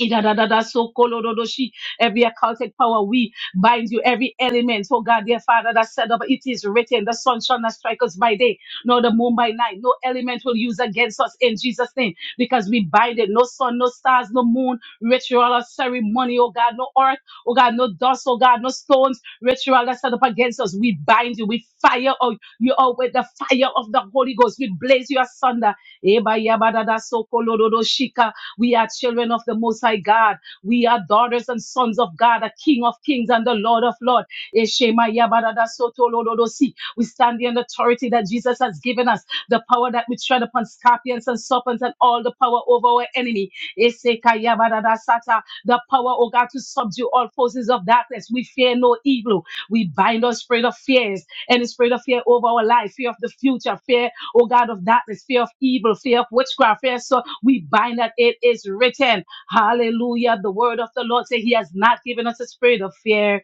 [SPEAKER 3] Idadadadasokolorodoshi. Every occultic power, we bind you. Every element, oh God, dear Father, that said, up, it is written, the sun shall not strike us by day, nor the moon by night. No element will use against us in Jesus' name, because we bind it. No sun, no stars, no moon, ritual or ceremony, oh God, no earth, oh God, no dust, oh God, no stones, ritual that set up against us. We bind you. We fire oh, you out with the fire of the Holy Ghost. We blaze you asunder. Eba yabadada sokolorodoshika. We are children of the Most High God. We are daughters and sons of God, the King of Kings and the Lord of Lords. Eshema yabarada soto lolodosi. We stand in the authority that Jesus has given us, the power that we tread upon scorpions and serpents and all the power over our enemy. Eseka yabarada sata. The power, oh God, to subdue all forces of darkness. We fear no evil. We bind our spirit of fears, any spirit of fear over our life, fear of the future, fear oh God of darkness, fear of evil, fear of witchcraft, fear. So we bind that it is written. Hallelujah. The word of the Lord say he has not given us a spirit of fear,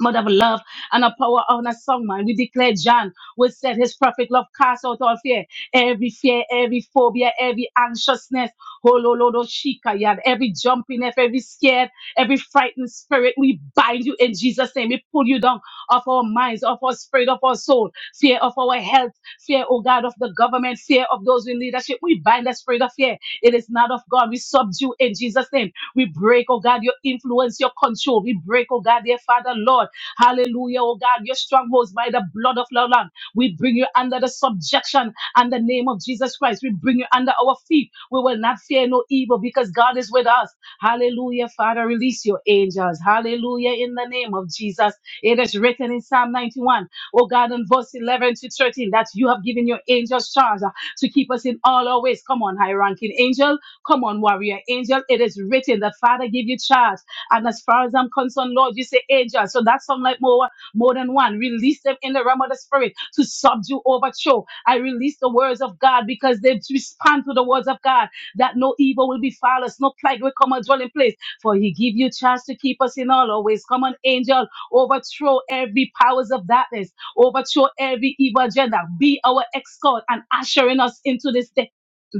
[SPEAKER 3] mother of love and a power on a song, man. We declare John will set his perfect love cast out all fear, every fear, every phobia, every anxiousness, hololodo shika, yad, every jumpiness, every scared, every frightened spirit. We bind you in Jesus' name. We pull you down of our minds, of our spirit, of our soul, fear of our health, fear, oh God, of the government, fear of those in leadership. We bind the spirit of fear. It is not of God. We subdue in Jesus' name. We break, oh God, your influence, your control. We break, oh God, dear Father, Lord. Hallelujah, oh God. Your strongholds by the blood of the Lamb. We bring you under the subjection and the name of Jesus Christ. We bring you under our feet. We will not fear no evil because God is with us. Hallelujah, Father. Release your angels. Hallelujah, in the name of Jesus. It is written in Psalm 91, O God, in verse 11 to 13, that you have given your angels charge uh, to keep us in all our ways. Come on, high ranking angel. Come on, warrior angel. It is written that Father give you charge. And as far as I'm concerned, Lord, you say angels. So that's some like more, more than one. Release them in the realm of the spirit to subdue, overthrow. I release the words of God because they respond to the words of God that no evil will befall us, no plague will come our dwelling place. For he give you chance to keep us in all our ways. Come on, angel, overthrow every powers of darkness, overthrow every evil agenda. Be our escort and ushering us into this day.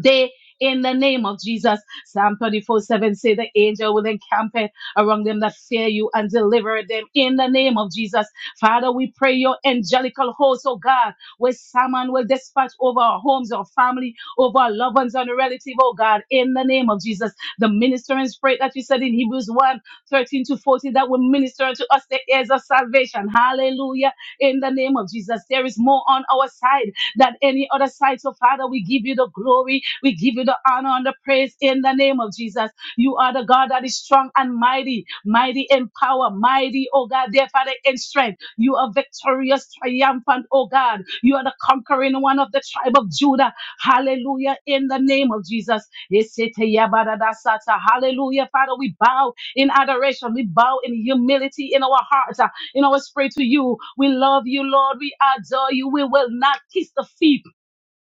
[SPEAKER 3] Day in the name of Jesus. Psalm 34 7 say the angel will encamp around them that fear you and deliver them in the name of Jesus. Father, we pray your angelical host, oh God, where someone will dispatch over our homes, our family, over our loved ones and relative, oh God, in the name of Jesus. The ministering spirit that you said in Hebrews one 13 to 14 that will minister to us the ears of salvation. Hallelujah. In the name of Jesus, there is more on our side than any other side. So, Father, we give you the glory, we give you the honor and the praise in the name of Jesus. You are the God that is strong and mighty, mighty in power, mighty, oh God, dear Father, in strength. You are victorious, triumphant, oh God. You are the conquering one of the tribe of Judah. Hallelujah, in the name of Jesus. Esete Hallelujah, Father, we bow in adoration. We bow in humility in our hearts, uh, in our spirit to you. We love you, Lord. We adore you. We will not kiss the feet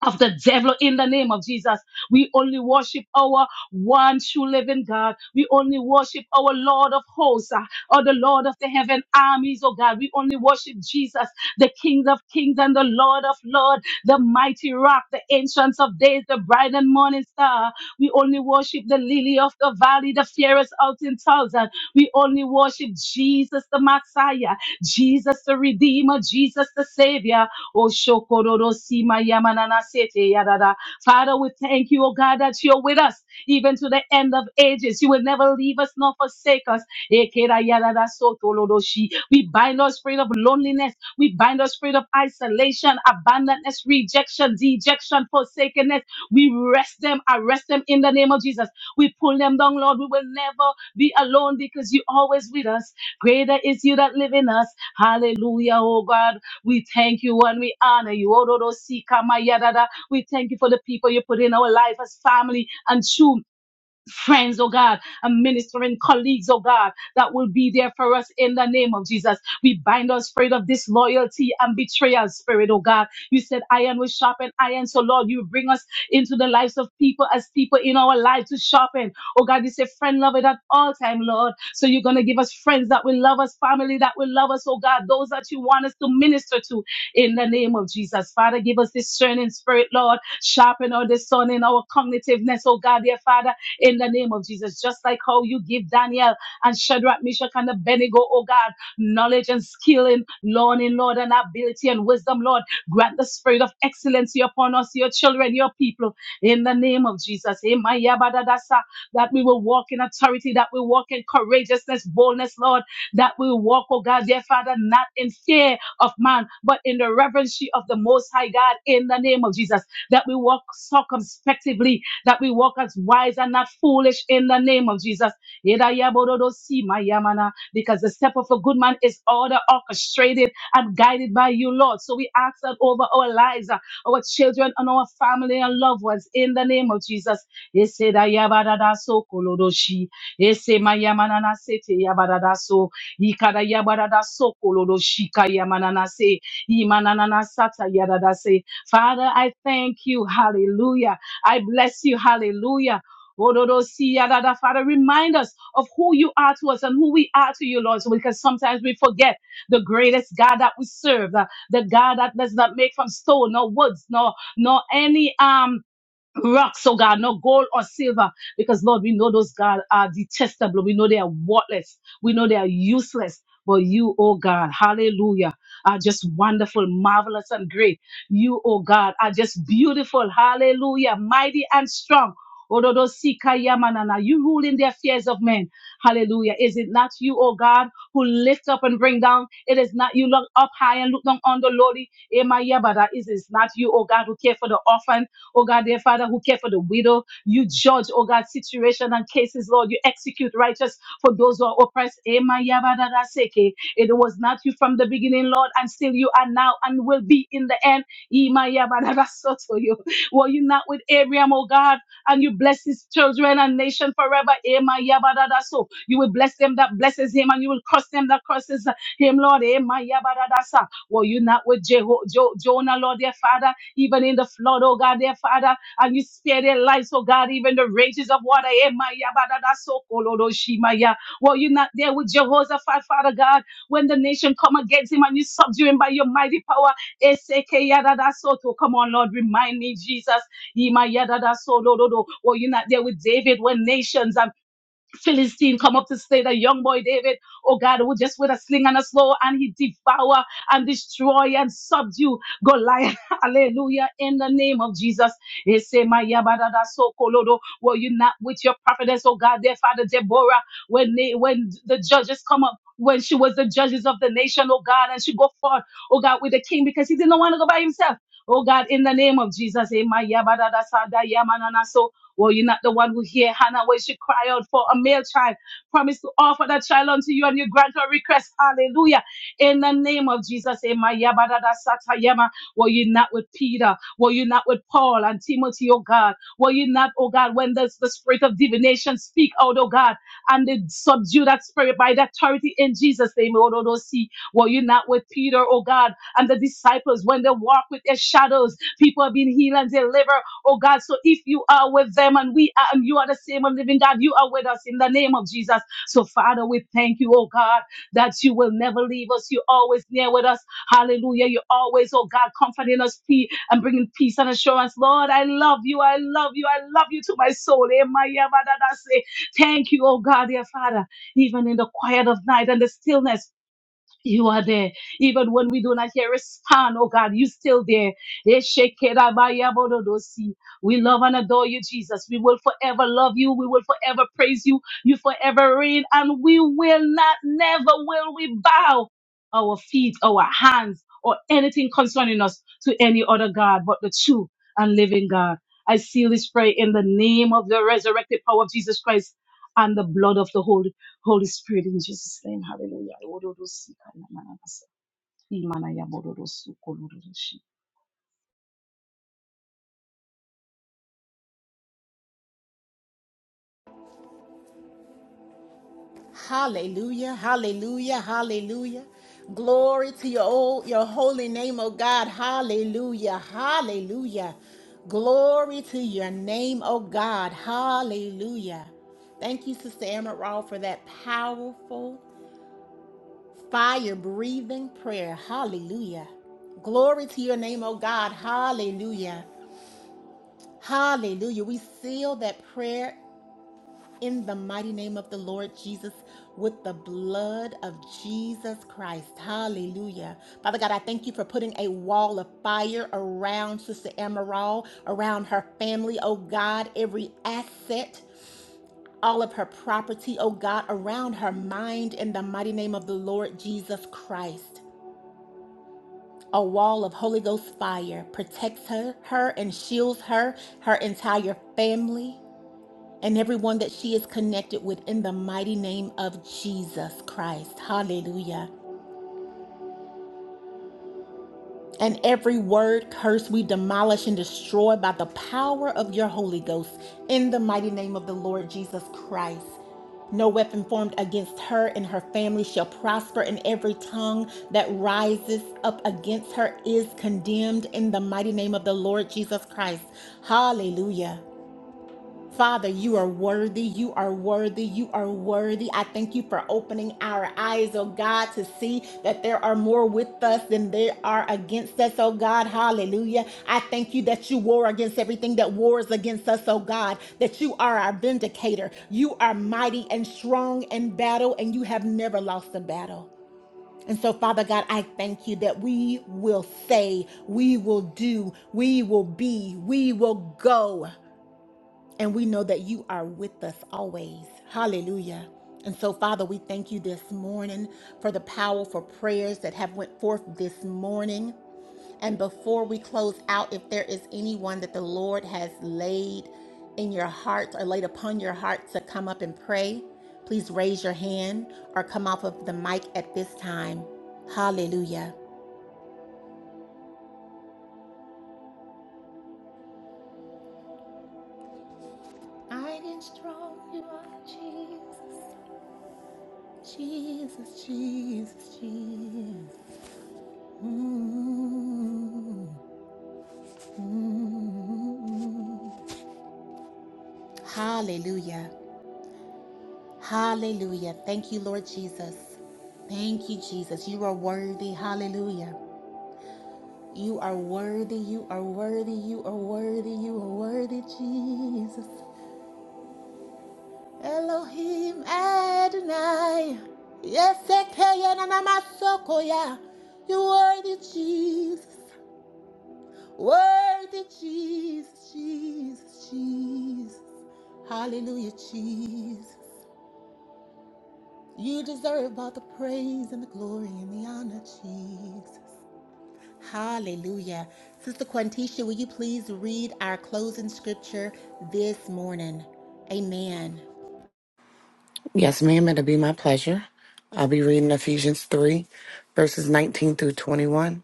[SPEAKER 3] of the devil in the name of Jesus. We only worship our one true living God. We only worship our Lord of hosts uh, or the Lord of the heaven armies, oh God. We only worship Jesus, the King of kings and the Lord of lords, the mighty rock, the ancient of days, the bright and morning star. We only worship the lily of the valley, the fairest out in thousand. We only worship Jesus, the Messiah, Jesus, the Redeemer, Jesus, the Savior. Oh, shokororo sima yamanana sete yadada. Father, we thank you, oh God, that you're with us even to the end of ages. You will never leave us nor forsake us. Ekera yadada sotoloroshi. We bind our spirit of loneliness. We bind our spirit of isolation, abandonness, rejection, dejection, forsakenness. We rest them, arrest them in the name of Jesus. We pull them down, Lord. We will never be alone because you're always with us. Greater is you that live in us. Hallelujah, oh God. We thank you and we honor you. Ororo sika mayadada. We thank you for the people you put in our life as family and children friends, oh God, and ministering colleagues, oh God, that will be there for us in the name of Jesus. We bind our spirit of disloyalty and betrayal spirit, oh God. You said iron will sharpen iron. So Lord, you bring us into the lives of people as people in our lives to sharpen. Oh God, you say friend love it at all time, Lord. So you're going to give us friends that will love us, family that will love us, oh God, those that you want us to minister to in the name of Jesus. Father, give us discerning spirit, Lord. Sharpen our discerning, our cognitiveness, oh God, dear Father in the name of Jesus. Just like how you give Daniel and Shadrach, Meshach, and Abednego, oh God, knowledge and skill in learning, Lord, and ability and wisdom, Lord. Grant the spirit of excellency upon us, your children, your people, in the name of Jesus. Emayabadadasa, That we will walk in authority, that we walk in courageousness, boldness, Lord, that we walk, oh God, dear Father, not in fear of man, but in the reverence of the Most High God, in the name of Jesus, that we walk circumspectively that we walk as wise and not foolish in the name of Jesus. Yeda yabododo si ma Because the step of a good man is ordered, orchestrated, and guided by you, Lord. So we ask that over our lives, uh, our children, and our family and loved ones in the name of Jesus. Yese da yabadada so kolodoshi. Yese ma na sete yabadada so. Yikada yabadada so kolodoshi ka na se. Yimanana na sata yadada se. Father, I thank you. Hallelujah I bless you. Hallelujah. Ororosiya, da, da. Father, remind us of who you are to us and who we are to you, Lord, so because sometimes we forget the greatest God that we serve, uh, the God that does not make from stone, nor woods, nor nor any um rocks, oh God, no gold or silver, because Lord, we know those God are detestable. We know they are worthless. We know they are useless. But you, oh God, hallelujah, are just wonderful, marvelous, and great. You, oh God, are just beautiful, hallelujah, mighty and strong. Ododo sika yamanana. You rule in the affairs of men. Hallelujah. Is it not you, oh God, who lift up and bring down? It is not you look up high and look down on the lowly. Ema yabada. Is it not you, oh God, who care for the orphan? Oh God, dear Father, who care for the widow. You judge, oh God, situation and cases, Lord. You execute righteous for those who are oppressed. Ema yaba da It was not you from the beginning, Lord, and still you are now and will be in the end. Ema yaba da da soto Were you not with Abraham, oh God, and you bless his children and nation forever? Ema yaba da so. You will bless them that blesses him, and you will curse them that curses him, Lord. Ema yaba da Were you not with Jeho- Jo- Jonah, Lord, dear Father? even in the flood, oh God, their Father, and you spare their lives, oh God, even the rages of water. Eh, my, yeah, ba, da, so, cool, oh do, shi, my, yeah. Were you not there with Jehoshaphat, Father God, when the nation come against him and you subdue him by your mighty power? Eh, se, ke, yeah, da, da, so, to. Come on, Lord, remind me, Jesus. Ye, my, yeah, da, da, so, do, do, do. Were you not there with David when nations and Philistine come up to slay the young boy David. Oh God, who just with a sling and a slow and he devour and destroy and subdue Goliath. [LAUGHS] Hallelujah. In the name of Jesus. They say, "My yabadada so kolodo." Were you not with your prophetess, oh God, their father Deborah, when they when the judges come up, when she was the judges of the nation, oh God, and she go forth, oh God, with the king because he didn't want to go by himself. Oh God, in the name of Jesus, eh, my yabadada sada yamanana so. Well, you're not the one who hear Hannah when she cried out for a male child. Promise to offer that child unto you and you grant her request. Hallelujah. In the name of Jesus. Amen. Yabadada satayama. Were you not with Peter? Were you not with Paul and Timothy, oh God? Were you not, oh God, when the, the spirit of divination speak out, oh God, and they subdue that spirit by the authority in Jesus' name, oh, no, no, see. Were you not with Peter, oh God, and the disciples when they walk with their shadows? People have been healed and delivered. Oh God, so if you are with them and we are, and you are the same and living God, you are with us in the name of Jesus. So Father, we thank you, oh God, that you will never leave us. You're always near with us. Hallelujah. You're always, oh God, comforting us pe- and bringing peace and assurance. Lord, I love you. I love you. I love you to my soul. Eh, my, yeah, my, that I say, Thank you, oh God, dear Father, even in the quiet of night and the stillness. You are there. Even when we do not hear a sound. oh God, you still there. Eshekerabayabododosi. We love and adore you, Jesus. We will forever love you. We will forever praise you. You forever reign. And we will not, never will we bow our feet, our hands, or anything concerning us to any other God but the true and living God. I seal this prayer in the name of the resurrected power of Jesus Christ and the blood of the Holy Holy Spirit, in Jesus' name, hallelujah. Imana ya bororo suko
[SPEAKER 1] Hallelujah, hallelujah, hallelujah. Glory to your, old, your holy name, oh God. Hallelujah, hallelujah. Glory to your name, oh God. Hallelujah. Thank you, Sister Amaral, for that powerful, fire breathing prayer. Hallelujah. Glory to your name, oh God. Hallelujah. Hallelujah. We seal that prayer in the mighty name of the Lord Jesus with the blood of Jesus Christ. Hallelujah. Father God, I thank you for putting a wall of fire around Sister Amaral, around her family, oh God, every asset. All of her property, oh God, around her mind in the mighty name of the Lord Jesus Christ. A wall of Holy Ghost fire protects her, her and shields her, her entire family and everyone that she is connected with in the mighty name of Jesus Christ. Hallelujah. And every word curse we demolish and destroy by the power of your Holy Ghost in the mighty name of the Lord Jesus Christ. No weapon formed against her and her family shall prosper, and every tongue that rises up against her is condemned in the mighty name of the Lord Jesus Christ. Hallelujah. Father, you are worthy. You are worthy. You are worthy. I thank you for opening our eyes, oh God, to see that there are more with us than there are against us, oh God. Hallelujah. I thank you that you war against everything that wars against us, oh God, that you are our vindicator. You are mighty and strong in battle, and you have never lost a battle. And so, Father God, I thank you that we will say, we will do, we will be, we will go. And we know that you are with us always. Hallelujah. And so, Father, we thank you this morning for the powerful prayers that have went forth this morning. And before we close out, if there is anyone that the Lord has laid in your heart or laid upon your heart to come up and pray, please raise your hand or come off of the mic at this time. Hallelujah. I am strong, you are Jesus, Jesus, Jesus, Jesus. Hallelujah. Hallelujah. Thank you, Lord Jesus. Thank you, Jesus. You are worthy. Hallelujah. You are worthy. You are worthy. You are worthy. You are worthy, Jesus. Elohim Adonai. Yes, Ekeye Nanamasokoya. you are worthy, Jesus. Worthy Jesus, Jesus, Jesus. Hallelujah, Jesus. You deserve all the praise and the glory and the honor, Jesus. Hallelujah. Sister Quantisha, will you please read our closing scripture this morning? Amen.
[SPEAKER 4] Yes, ma'am. It'll be my pleasure. I'll be reading Ephesians 3, verses 19 through 21.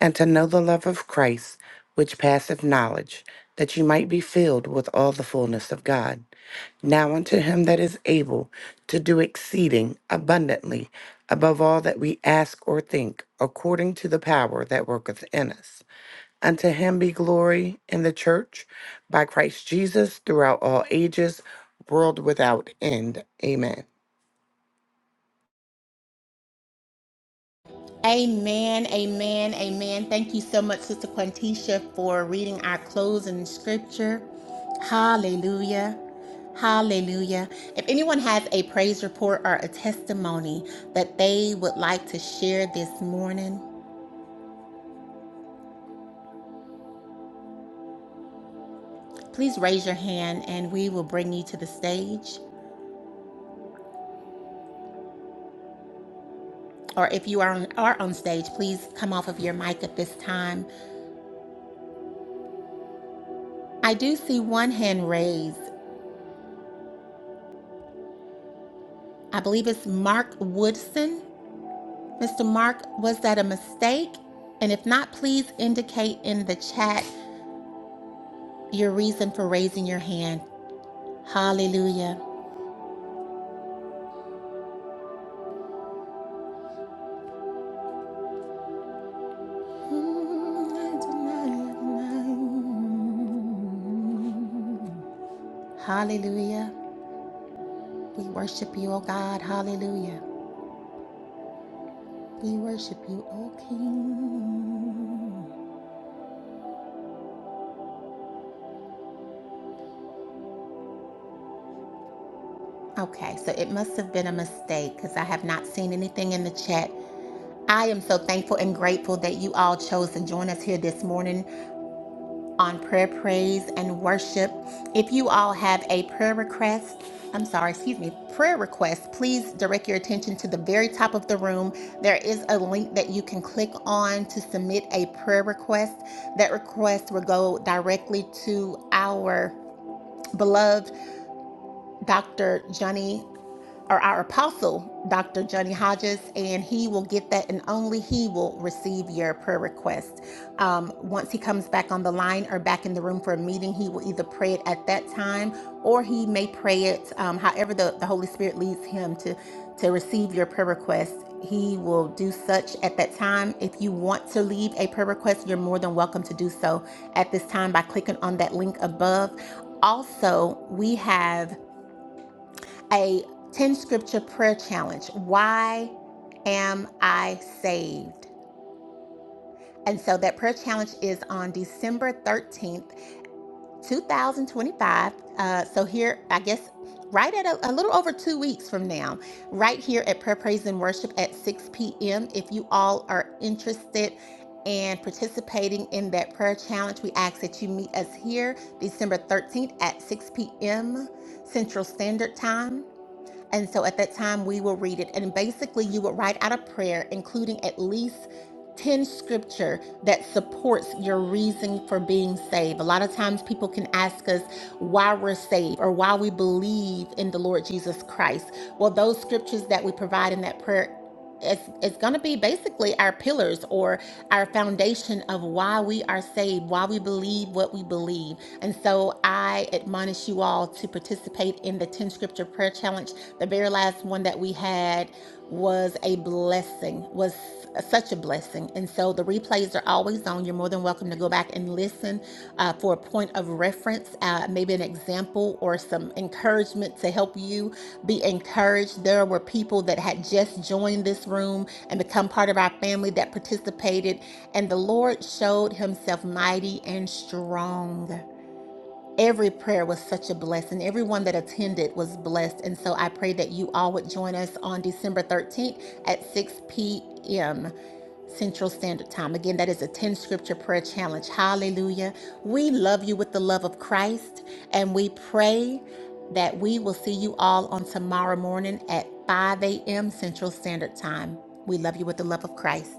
[SPEAKER 4] And to know the love of Christ, which passeth knowledge, that you might be filled with all the fullness of God. Now unto him that is able to do exceeding abundantly above all that we ask or think, according to the power that worketh in us. Unto him be glory in the church by Christ Jesus throughout all ages, world without end. Amen.
[SPEAKER 1] Amen, amen, amen. Thank you so much, Sister Quantisha, for reading our closing scripture. Hallelujah. Hallelujah. If anyone has a praise report or a testimony that they would like to share this morning, please raise your hand and we will bring you to the stage. Or if you are on, are on stage, please come off of your mic at this time. I do see one hand raised. I believe it's Mark Woodson. Mr. Mark, was that a mistake? And if not, please indicate in the chat your reason for raising your hand. Hallelujah. Hallelujah. We worship you, O God. Hallelujah. We worship you, O King. Okay, so it must have been a mistake because I have not seen anything in the chat. I am so thankful and grateful that you all chose to join us here this morning on prayer, praise, and worship. If you all have a prayer request, I'm sorry, excuse me, prayer request, please direct your attention to the very top of the room. There is a link that you can click on to submit a prayer request. That request will go directly to our beloved Dr. Johnny or our apostle, Dr. Johnny Hodges, and he will get that, and only he will receive your prayer request. Um, once he comes back on the line or back in the room for a meeting, he will either pray it at that time or he may pray it um, however the, the Holy Spirit leads him to, to receive your prayer request. He will do such at that time. If you want to leave a prayer request, you're more than welcome to do so at this time by clicking on that link above. Also, we have a 10 scripture prayer challenge. Why am I saved? And so that prayer challenge is on December 13th, 2025. Uh, so here, I guess, right at a, a little over two weeks from now, right here at Prayer, Praise, and Worship at 6 p.m. If you all are interested in participating in that prayer challenge, we ask that you meet us here December 13th at 6 p.m. Central Standard Time. And so at that time, we will read it. And basically, you would write out a prayer, including at least 10 scripture that supports your reason for being saved. A lot of times, people can ask us why we're saved or why we believe in the Lord Jesus Christ. Well, those scriptures that we provide in that prayer it's it's going to be basically our pillars or our foundation of why we are saved, why we believe what we believe. And so I admonish you all to participate in the 10 scripture prayer challenge. The very last one that we had was a blessing, was such a blessing. And so the replays are replays are always on. You're more than welcome to go back and listen uh, for a point of reference, uh, maybe an example or some encouragement to help you be encouraged. There were people that had just joined this room and become part of our family that participated, and the Lord showed himself mighty and strong. Every prayer was such a blessing. Everyone that attended was blessed. And so I pray that you all would join us on December 13th at 6 p.m. Central Standard Time. Again, that is a 10 scripture prayer challenge. Hallelujah. We love you with the love of Christ, and we pray that we will see you all on tomorrow morning at 5 a.m. Central Standard Time. We love you with the love of Christ.